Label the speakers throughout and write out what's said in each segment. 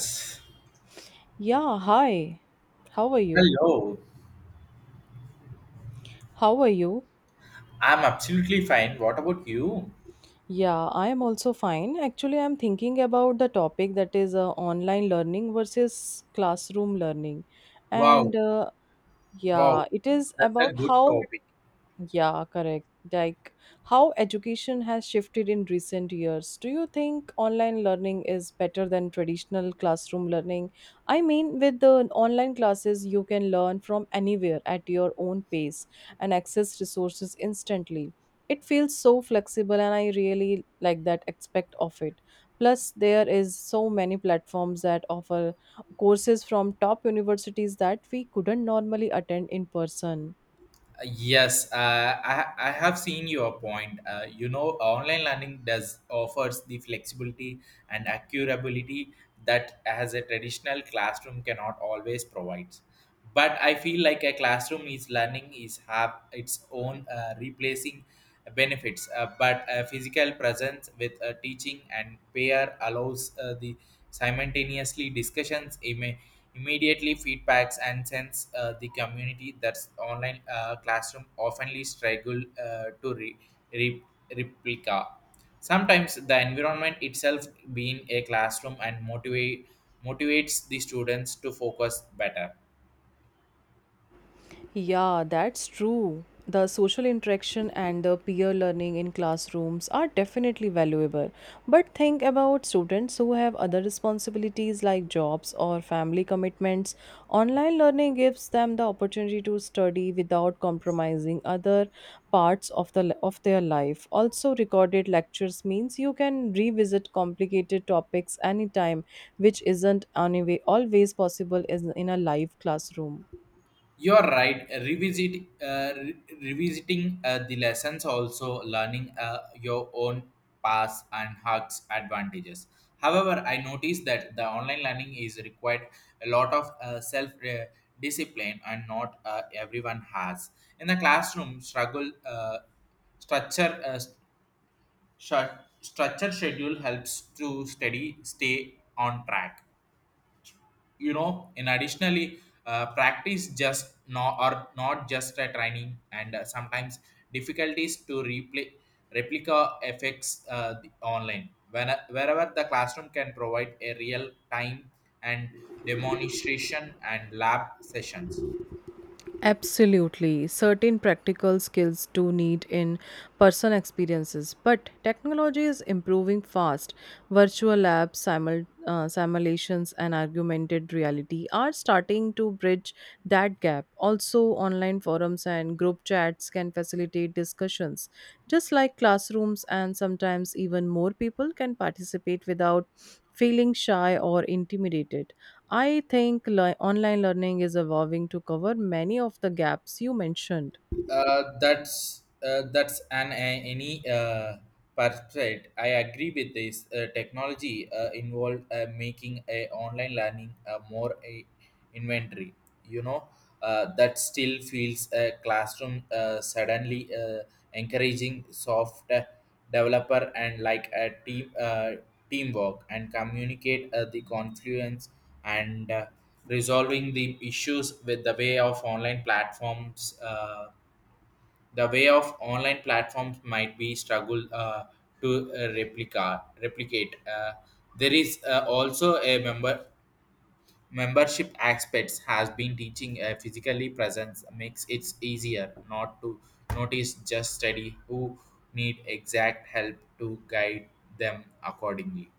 Speaker 1: Hello,
Speaker 2: Yeah, hi. How are you? How are you?
Speaker 1: I'm absolutely fine. What about you?
Speaker 2: Yeah, I am also fine. Actually, I'm thinking about the topic that is online learning versus classroom learning.
Speaker 1: Wow,
Speaker 2: And yeah,
Speaker 1: wow,
Speaker 2: it is
Speaker 1: that's a
Speaker 2: about
Speaker 1: good
Speaker 2: how
Speaker 1: topic.
Speaker 2: Yeah, correct. Like how education has shifted in recent years. Do you think online learning is better than traditional classroom learning? I mean, with the online classes, you can learn from anywhere at your own pace and access resources instantly. It feels so flexible, and I really like that aspect of it. Plus, there is so many platforms that offer courses from top universities that we couldn't normally attend in person.
Speaker 1: Yes, I have seen your point. Online learning does offers the flexibility and accurability that as a traditional classroom cannot always provide. But I feel like a classroom is learning is have its own replacing benefits. But physical presence with teaching and pair allows the simultaneously discussions. Immediately feedbacks and sense the community that's online classroom oftenly struggle to re- replica. Sometimes the environment itself being a classroom and motivates the students to focus better.
Speaker 2: Yeah, that's true. The social interaction and the peer learning in classrooms are definitely valuable. But think about students who have other responsibilities like jobs or family commitments. Online learning gives them the opportunity to study without compromising other parts of their life. Also, recorded lectures means you can revisit complicated topics anytime, which isn't anyway always possible is in a live classroom.
Speaker 1: You're right. Revisiting the lessons, also learning your own paths and hacks advantages. However, I noticed that the online learning is required a lot of self discipline, and not everyone has. In the classroom, struggle structure st- structure schedule helps to study stay on track and additionally practice just no or not just a training and sometimes difficulties to replay replica effects the online wherever the classroom can provide a real time and demonstration and lab sessions.
Speaker 2: Absolutely. Certain practical skills do need in person experiences, but technology is improving fast. Virtual labs, simulations, and augmented reality are starting to bridge that gap. Also, online forums and group chats can facilitate discussions. Just like classrooms, and sometimes even more people can participate without feeling shy or intimidated. I think online learning is evolving to cover many of the gaps you mentioned.
Speaker 1: That's an any perspective. I agree with this. Technology involved making a online learning more a inventory. You know that still feels a classroom suddenly encouraging soft developer and like a team teamwork and communicate the confluence and resolving the issues with the way of online platforms. The way of online platforms might be struggle to replicate. There is also a membership aspects has been teaching physically presence makes it easier not to notice just study who need exact help to guide them accordingly.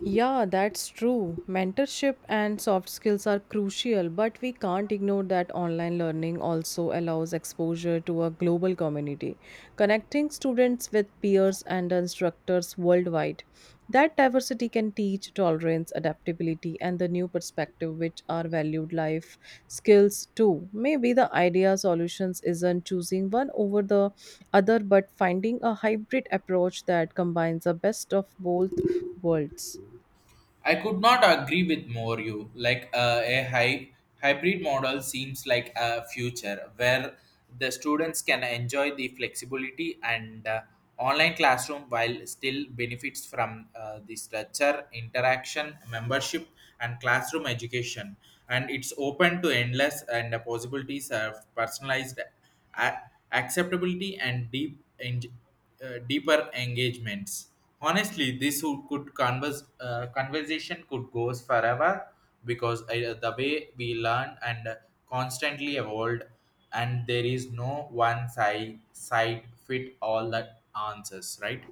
Speaker 2: Yeah, that's true. Mentorship and soft skills are crucial, but we can't ignore that online learning also allows exposure to a global community, connecting students with peers and instructors worldwide. That diversity can teach tolerance, adaptability, and the new perspective, which are valued life skills too. Maybe the idea solutions isn't choosing one over the other, but finding a hybrid approach that combines the best of both worlds.
Speaker 1: I could not agree with more you. Like a hybrid model seems like a future where the students can enjoy the flexibility and online classroom while still benefits from the structure, interaction, membership, and classroom education. And it's open to endless and the possibilities of personalized a- acceptability and deeper engagements. Honestly, this could converse conversation could goes forever because the way we learn and constantly evolve, and there is no one side fit all the answers, right?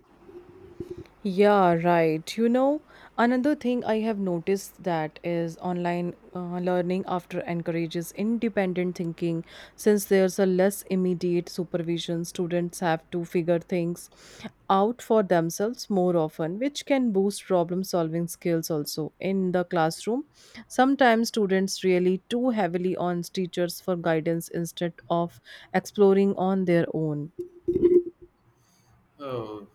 Speaker 2: Yeah, right. You know, another thing I have noticed that is online learning after encourages independent thinking since there's a less immediate supervision, students have to figure things out for themselves more often, which can boost problem solving skills also in the classroom. Sometimes students rely too heavily on teachers for guidance instead of exploring on their own.
Speaker 1: Oh,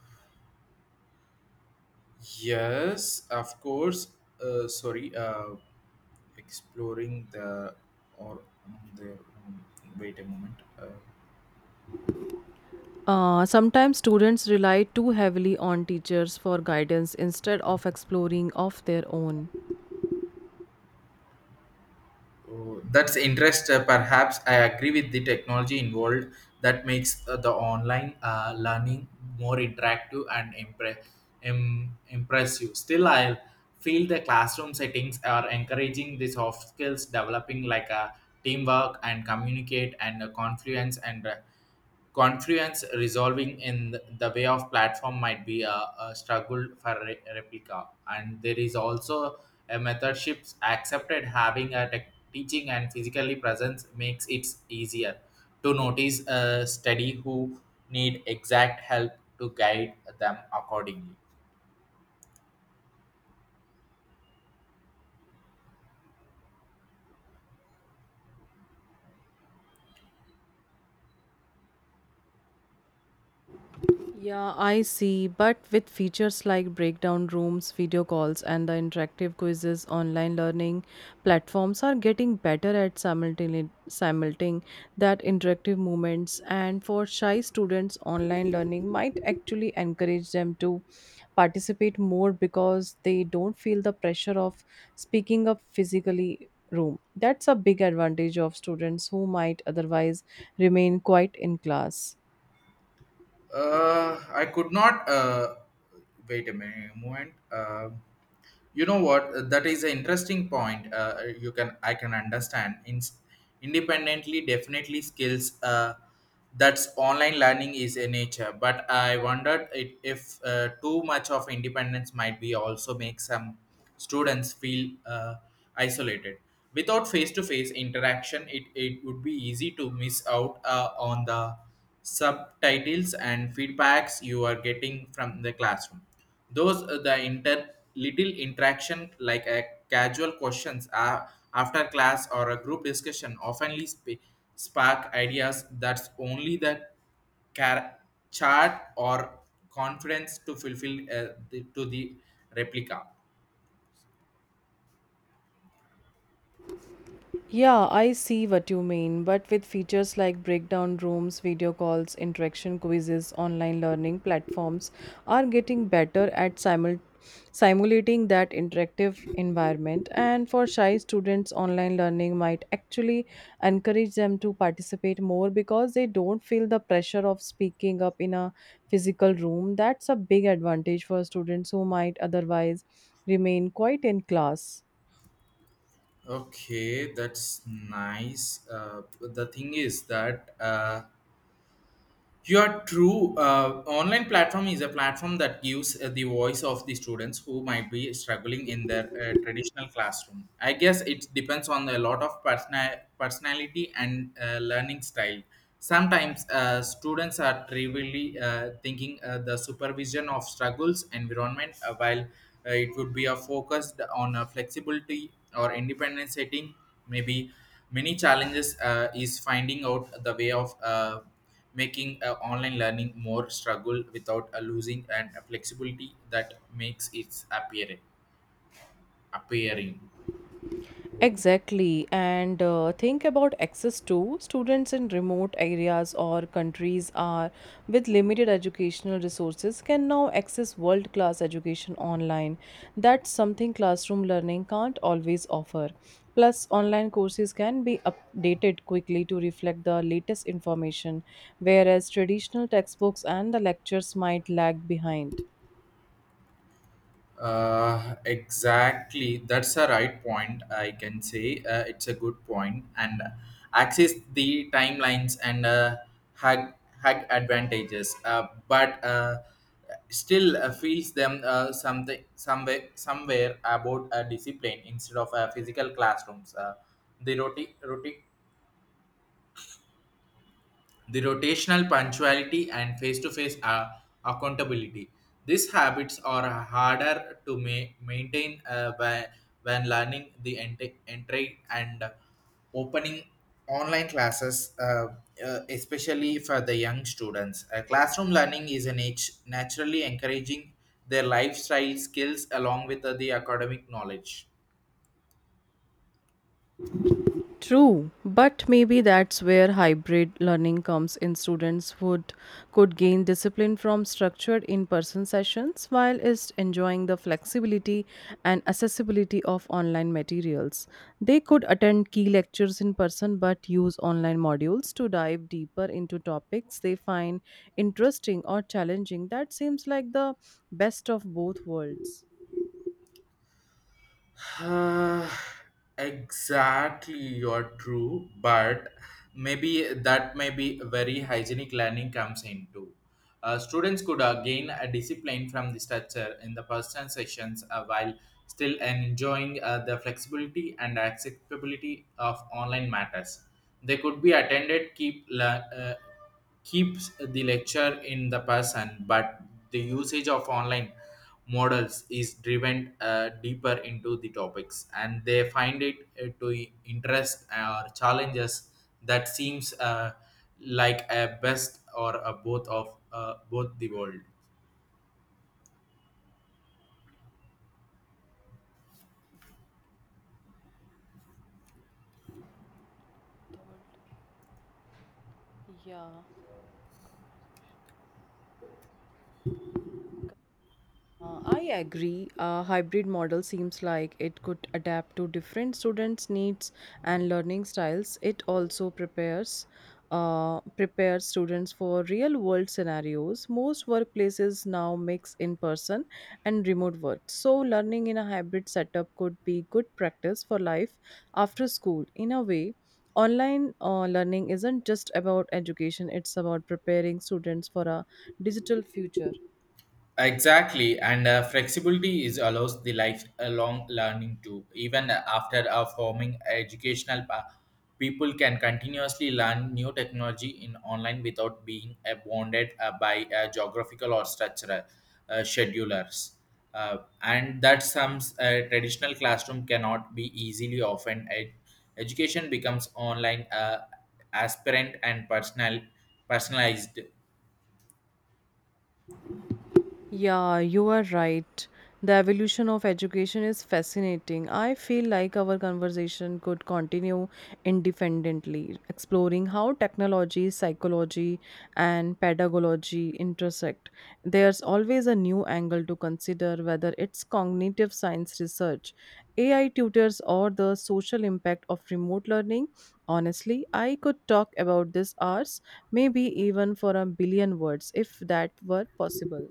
Speaker 1: yes, of course. Sorry, exploring the or on their own. Wait a moment.
Speaker 2: Sometimes students rely too heavily on teachers for guidance instead of exploring of their own.
Speaker 1: Oh, that's interest. Perhaps I agree with the technology involved that makes the online learning more interactive and impressive. Still, I feel the classroom settings are encouraging the soft skills developing like a teamwork and communicate and confluence and confluence resolving in the way of platform might be a struggle for replica, and there is also a method shifts accepted having a tech teaching and physically presence makes it easier to notice a study who need exact help to guide them accordingly.
Speaker 2: Yeah, I see. But with features like breakdown rooms, video calls, and the interactive quizzes, online learning platforms are getting better at simultaneing simulating that interactive moments. And for shy students, online learning might actually encourage them to participate more because they don't feel the pressure of speaking up physically room, that's a big advantage of students who might otherwise remain quiet in class.
Speaker 1: I could not. Wait a minute moment. You know what, that is an interesting point. Uh, uh, you can i can understand independently definitely skills that's online learning is a nature. But I wondered if too much of independence might be also make some students feel uh, isolated without face-to-face interaction. It would be easy to miss out on the subtitles and feedbacks you are getting from the classroom. Those the inter little interaction like a casual questions after class or a group discussion oftenly spark ideas that's only the car- chart or confidence to fulfill to the replica.
Speaker 2: Yeah, I see what you mean, but with features like breakdown rooms, video calls, interaction quizzes, online learning platforms are getting better at simulating that interactive environment. And for shy students, online learning might actually encourage them to participate more because they don't feel the pressure of speaking up in a physical room. That's a big advantage for students who might otherwise remain quiet in class.
Speaker 1: Okay, that's nice. The thing is that. You are true. Online platform is a platform that gives the voice of the students who might be struggling in their traditional classroom. I guess it depends on a lot of personality and learning style. Sometimes students are trivially thinking the supervision of struggles environment, while it would be a focused on a flexibility or independent setting. Maybe many challenges is finding out the way of. Making online learning more struggle without losing and a flexibility that makes its appearing.
Speaker 2: Exactly, and think about access to students in remote areas or countries are with limited educational resources can now access world class education online. That's something classroom learning can't always offer. Plus, online courses can be updated quickly to reflect the latest information, whereas traditional textbooks and the lectures might lag behind.
Speaker 1: Exactly, that's a right point. I can say it's a good point, and access the timelines and hag, hag advantages, but still feels them something somewhere about a discipline instead of physical classrooms. The roti- roti- the rotational punctuality and face-to-face accountability. These habits are harder to maintain when learning the entry and opening online classes, especially for the young students. Classroom learning is an age naturally encouraging their lifestyle skills along with the academic knowledge.
Speaker 2: True, but maybe that's where hybrid learning comes in. Students would could gain discipline from structured in-person sessions while is enjoying the flexibility and accessibility of online materials. They could attend key lectures in person but use online modules to dive deeper into topics they find interesting or challenging. That seems like the best of both worlds.
Speaker 1: Ah, exactly, you're true, but maybe that may be very hygienic learning comes into. Students could gain a discipline from the structure in the personal sessions while still enjoying the flexibility and accessibility of online matters. They could be attended, uh, keeps the lecture in the person, but the usage of online models is driven deeper into the topics, and they find it to interest or challenges that seems like a best or a both of both the world.
Speaker 2: Yeah. I agree. A hybrid model seems like it could adapt to different students' needs and learning styles. It also prepares prepares students for real-world scenarios. Most workplaces now mix in-person and remote work, so learning in a hybrid setup could be good practice for life after school. In a way, online learning isn't just about education; it's about preparing students for a digital future.
Speaker 1: Exactly, and flexibility is allows the lifelong learning too. Even after forming educational people can continuously learn new technology in online without being bounded by geographical or structural schedulers. Uh, and that some traditional classroom cannot be easily often education becomes online aspirant and personalized.
Speaker 2: Yeah, you are right. The evolution of education is fascinating. I feel like our conversation could continue independently, exploring how technology, psychology, and pedagogy intersect. There's always a new angle to consider, whether it's cognitive science research, AI tutors, or the social impact of remote learning. Honestly, I could talk about this hours, maybe even for a billion words if that were possible.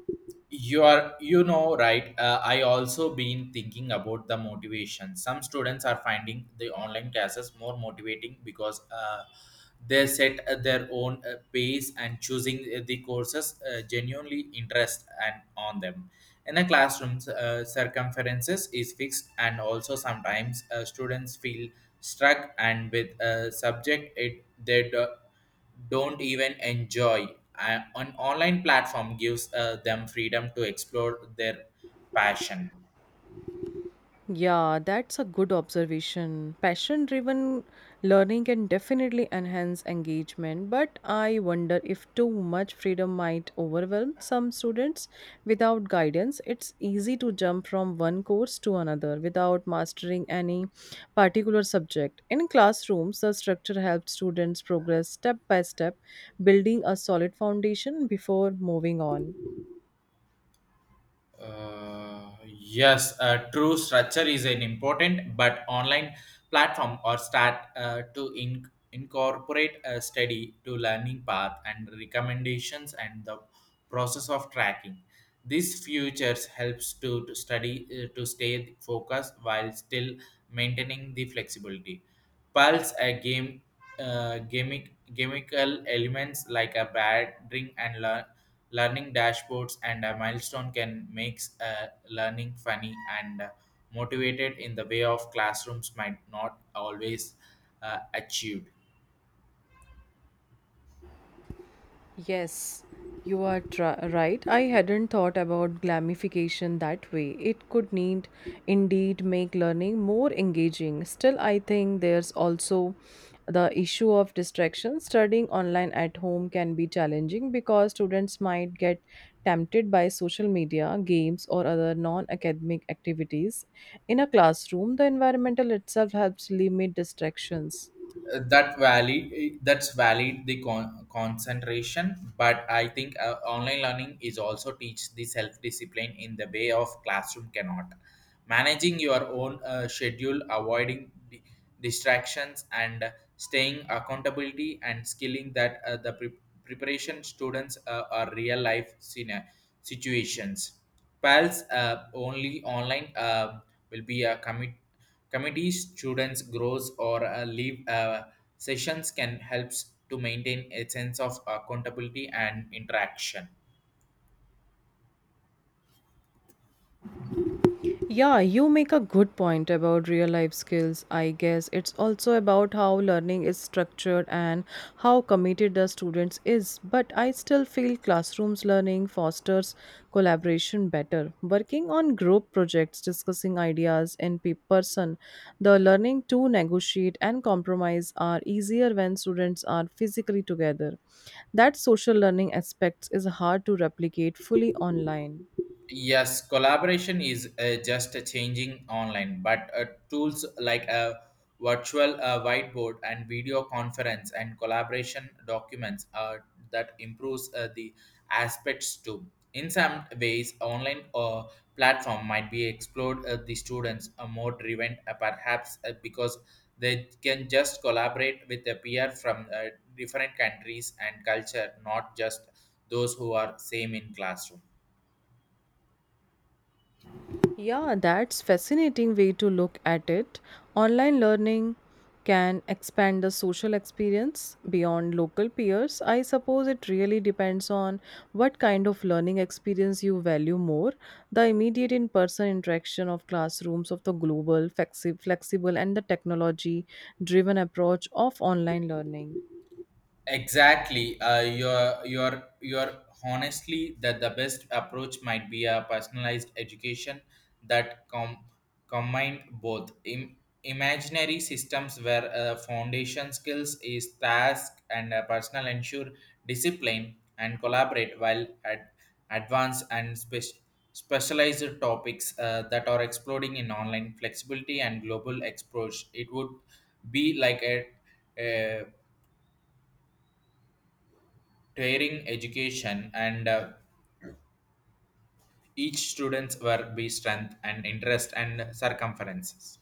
Speaker 1: You are right. I also been thinking about the motivation. Some students are finding the online classes more motivating because they set their own pace and choosing the courses genuinely interest and on them. In the classrooms, circumferences is fixed, and also sometimes students feel struck and with a subject it they do, don't even enjoy. An online platform gives them freedom to explore their passion.
Speaker 2: Yeah, that's a good observation. Passion driven learning can definitely enhance engagement, but I wonder if too much freedom might overwhelm some students. Without guidance, it's easy to jump from one course to another without mastering any particular subject. In classrooms, the structure helps students progress step by step, building a solid foundation before moving on.
Speaker 1: Yes, true, structure is an important, but online platform or start to incorporate a study to learning path and recommendations and the process of tracking. These features helps to study to stay focused while still maintaining the flexibility. Pulse a game gimmickal elements like a bad drink and Learning dashboards and a milestone can make learning funny and motivated in the way of classrooms might not always achieve.
Speaker 2: Yes, you are right. I hadn't thought about glamification that way. It could need indeed make learning more engaging. Still, I think there's also the issue of distraction. Studying online at home can be challenging because students might get tempted by social media, games, or other non academic activities. In a classroom, the environmental itself helps limit distractions.
Speaker 1: uh, that valid that's valid, the concentration, but I think online learning is also teach the self discipline in the way of classroom cannot managing your own schedule, avoiding distractions and staying accountability and skilling that the preparation students are real life situations pals. Only online will be a Committees, students, grows or leave sessions can helps to maintain a sense of accountability and interaction.
Speaker 2: Yeah, you make a good point about real life skills. I guess it's also about how learning is structured and how committed the students is. But I still feel classrooms learning fosters collaboration better. Working on group projects, discussing ideas in person, the learning to negotiate and compromise are easier when students are physically together. That social learning aspects is hard to replicate fully online.
Speaker 1: Yes, collaboration is just a changing online, but tools like a virtual whiteboard and video conference and collaboration documents are that improves the aspects too. In some ways, online platform might be explored the students are more driven, perhaps because they can just collaborate with a peer from different countries and culture, not just those who are same in classroom.
Speaker 2: Yeah, that's fascinating way to look at it. Online learning can expand the social experience beyond local peers. I suppose it really depends on what kind of learning experience you value more, the immediate in-person interaction of classrooms of the global, flexible and the technology driven approach of online learning.
Speaker 1: Exactly. You're Honestly, that the best approach might be a personalized education that combined both imaginary systems where foundation skills is task and personal ensure discipline and collaborate, while at advanced and specialized topics that are exploding in online flexibility and global exposure. It would be like a tiring education, and each students were be strength and interest and circumferences.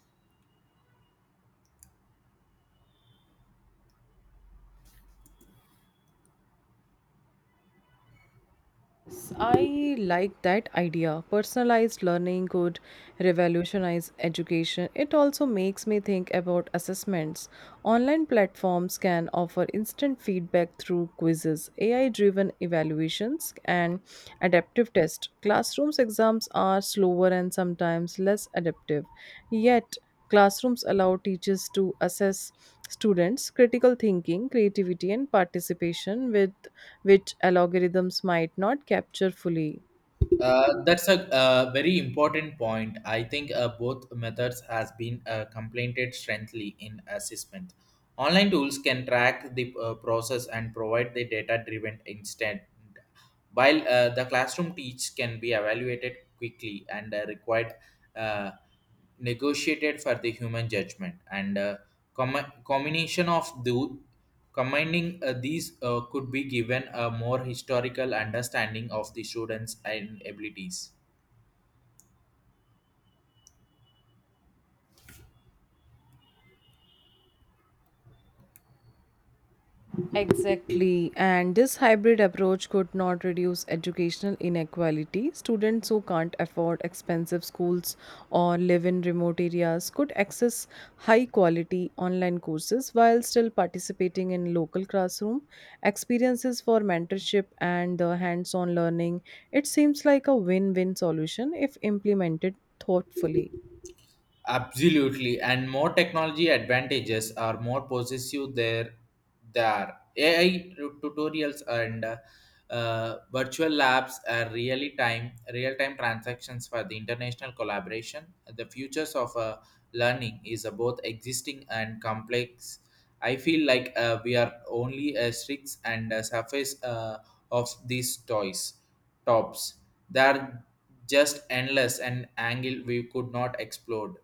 Speaker 2: Yes, I like that idea. Personalized learning could revolutionize education. It also makes me think about assessments. Online platforms can offer instant feedback through quizzes, AI driven evaluations, and adaptive tests. Classrooms exams are slower and sometimes less adaptive. Yet, classrooms allow teachers to assess students' critical thinking, creativity, and participation, with which algorithms might not capture fully.
Speaker 1: That's a very important point. I think both methods has been complemented strengthly in assessment. Online tools can track the process and provide the data driven instead, while the classroom teach can be evaluated quickly and required uh, negotiated for the human judgment, and combination of the combining these could be given a more historical understanding of the students and abilities.
Speaker 2: Exactly, and this hybrid approach could not reduce educational inequality. Students who can't afford expensive schools or live in remote areas could access high quality online courses while still participating in local classroom experiences for mentorship and the hands on learning. It seems like a win win solution if implemented thoughtfully.
Speaker 1: Absolutely, and more technology advantages are more possessive there. There, AI tutorials and virtual labs are real time transactions for the international collaboration. The futures of learning is both existing and complex. I feel like we are only a strict and surface of these toys tops. They are just endless and angle we could not explore.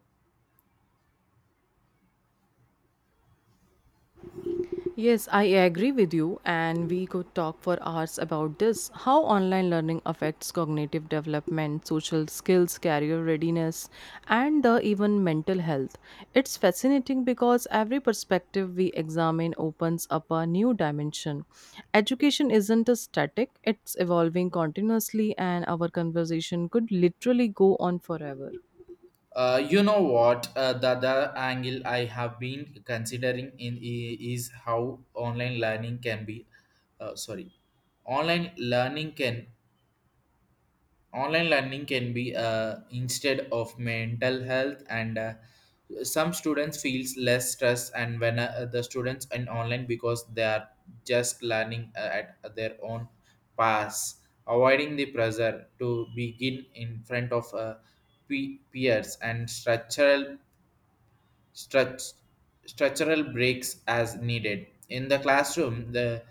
Speaker 2: Yes, I agree with you, and we could talk for hours about this how online learning affects cognitive development, social skills, career readiness, and the even mental health. It's fascinating because every perspective we examine opens up a new dimension. Education isn't a static, it's evolving continuously, and our conversation could literally go on forever.
Speaker 1: You know what? The other angle I have been considering is how online learning can uh, sorry, online learning can online learning can be instead of mental health and some students feels less stress and when the students in online because they are just learning at their own pace, avoiding the pressure to begin in front of peers and struct- structural breaks as needed. In the classroom, the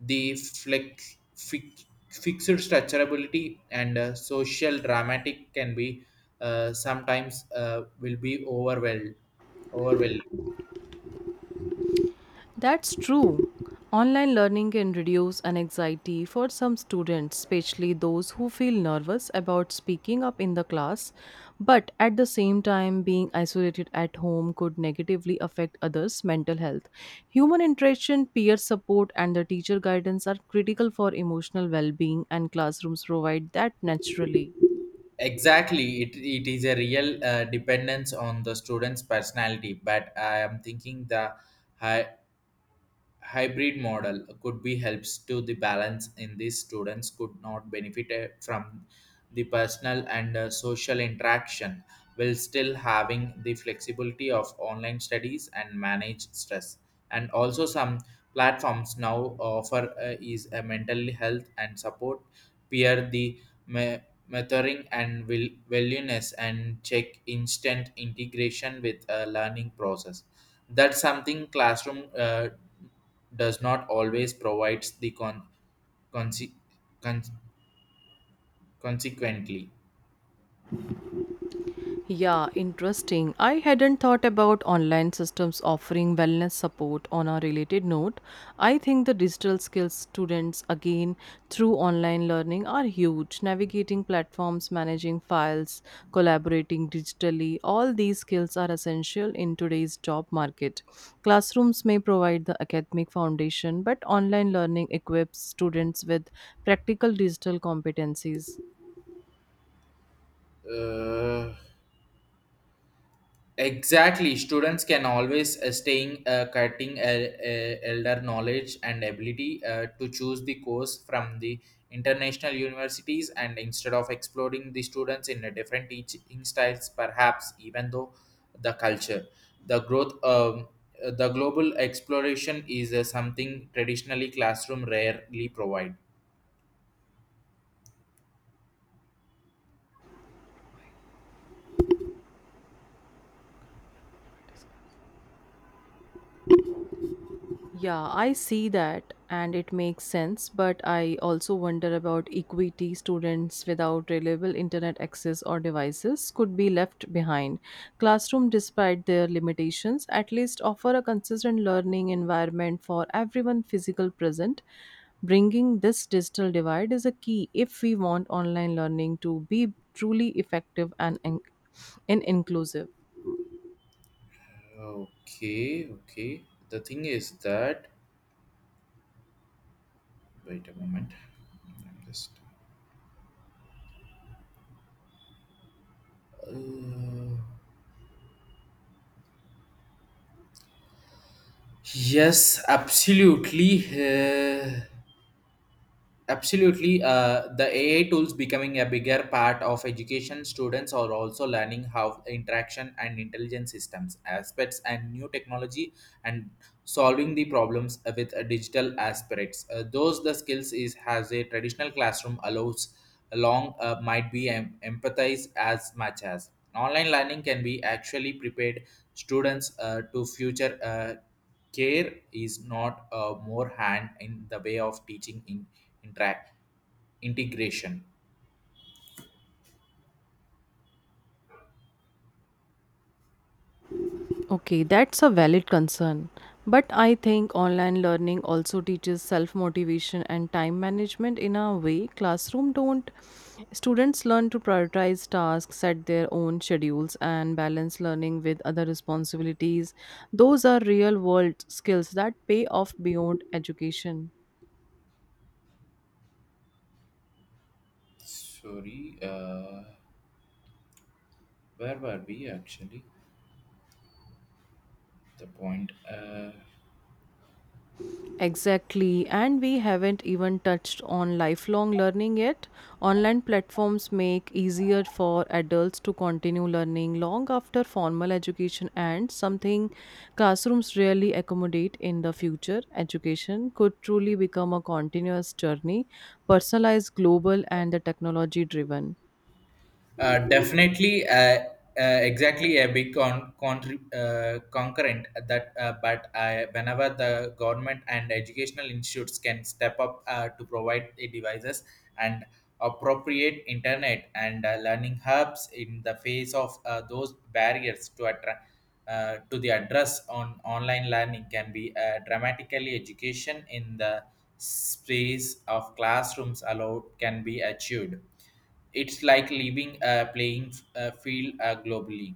Speaker 1: the flex, fix, fixed structurability and social dramatic can be sometimes will be overwhelmed. Overwhelmed.
Speaker 2: That's true. Online learning can reduce an anxiety for some students, especially those who feel nervous about speaking up in the class. But at the same time, being isolated at home could negatively affect others' mental health. Human interaction, peer support, and the teacher guidance are critical for emotional well being, and classrooms provide that naturally.
Speaker 1: Exactly, it is a real dependence on the student's personality. But I am thinking the hi- hybrid model could be helps to the balance in these students could not benefit from the personal and social interaction while still having the flexibility of online studies and manage stress, and also some platforms now offer is a mental health and support peer me- mentoring and will wellness and check instant integration with a learning process. That's something classroom does not always provides the conse- con- consequently.
Speaker 2: Yeah, interesting. I hadn't thought about online systems offering wellness support on a related note. I think the digital skills students again through online learning are huge. Navigating platforms, managing files, collaborating digitally, all these skills are essential in today's job market. Classrooms may provide the academic foundation, but online learning equips students with practical digital competencies.
Speaker 1: Uh, Exactly, students can always staying cutting elder knowledge and ability to choose the course from the international universities and instead of exploring the students in a different teaching styles, perhaps even though the culture, the growth, the global exploration is something traditionally classroom rarely provide.
Speaker 2: Yeah, I see that and it makes sense, but I also wonder about equity. Students without reliable internet access or devices could be left behind. Classroom, despite their limitations, at least offer a consistent learning environment for everyone physical present. Bringing this digital divide is a key if we want online learning to be truly effective and, and inclusive.
Speaker 1: Okay, okay. The thing is that, wait a moment. I'm just. Yes, absolutely. Absolutely. The AI tools becoming a bigger part of education. Students are also learning how interaction and intelligence systems aspects and new technology and solving the problems with digital aspects. Those the skills is has a traditional classroom allows along might be empathized as much as online learning can be actually prepared students to future. Care is not a more hand in the way of teaching in interact integration.
Speaker 2: Okay, that's a valid concern. But I think online learning also teaches self motivation and time management in a way classroom don't. Students learn to prioritize tasks, set their own schedules, and balance learning with other responsibilities. Those are real world skills that pay off beyond education.
Speaker 1: Sorry, where were we actually? The point.
Speaker 2: Exactly, and we haven't even touched on lifelong learning yet. Online platforms make easier for adults to continue learning long after formal education ends, something classrooms rarely accommodate in the future. Education could truly become a continuous journey, personalized, global, and the technology driven.
Speaker 1: Definitely, exactly a big concurrent that, but whenever the government and educational institutes can step up to provide the devices and appropriate internet and learning hubs in the face of those barriers to attract. To the address on online learning can be dramatically education in the space of classrooms allowed can be achieved, it's like leaving a playing field globally.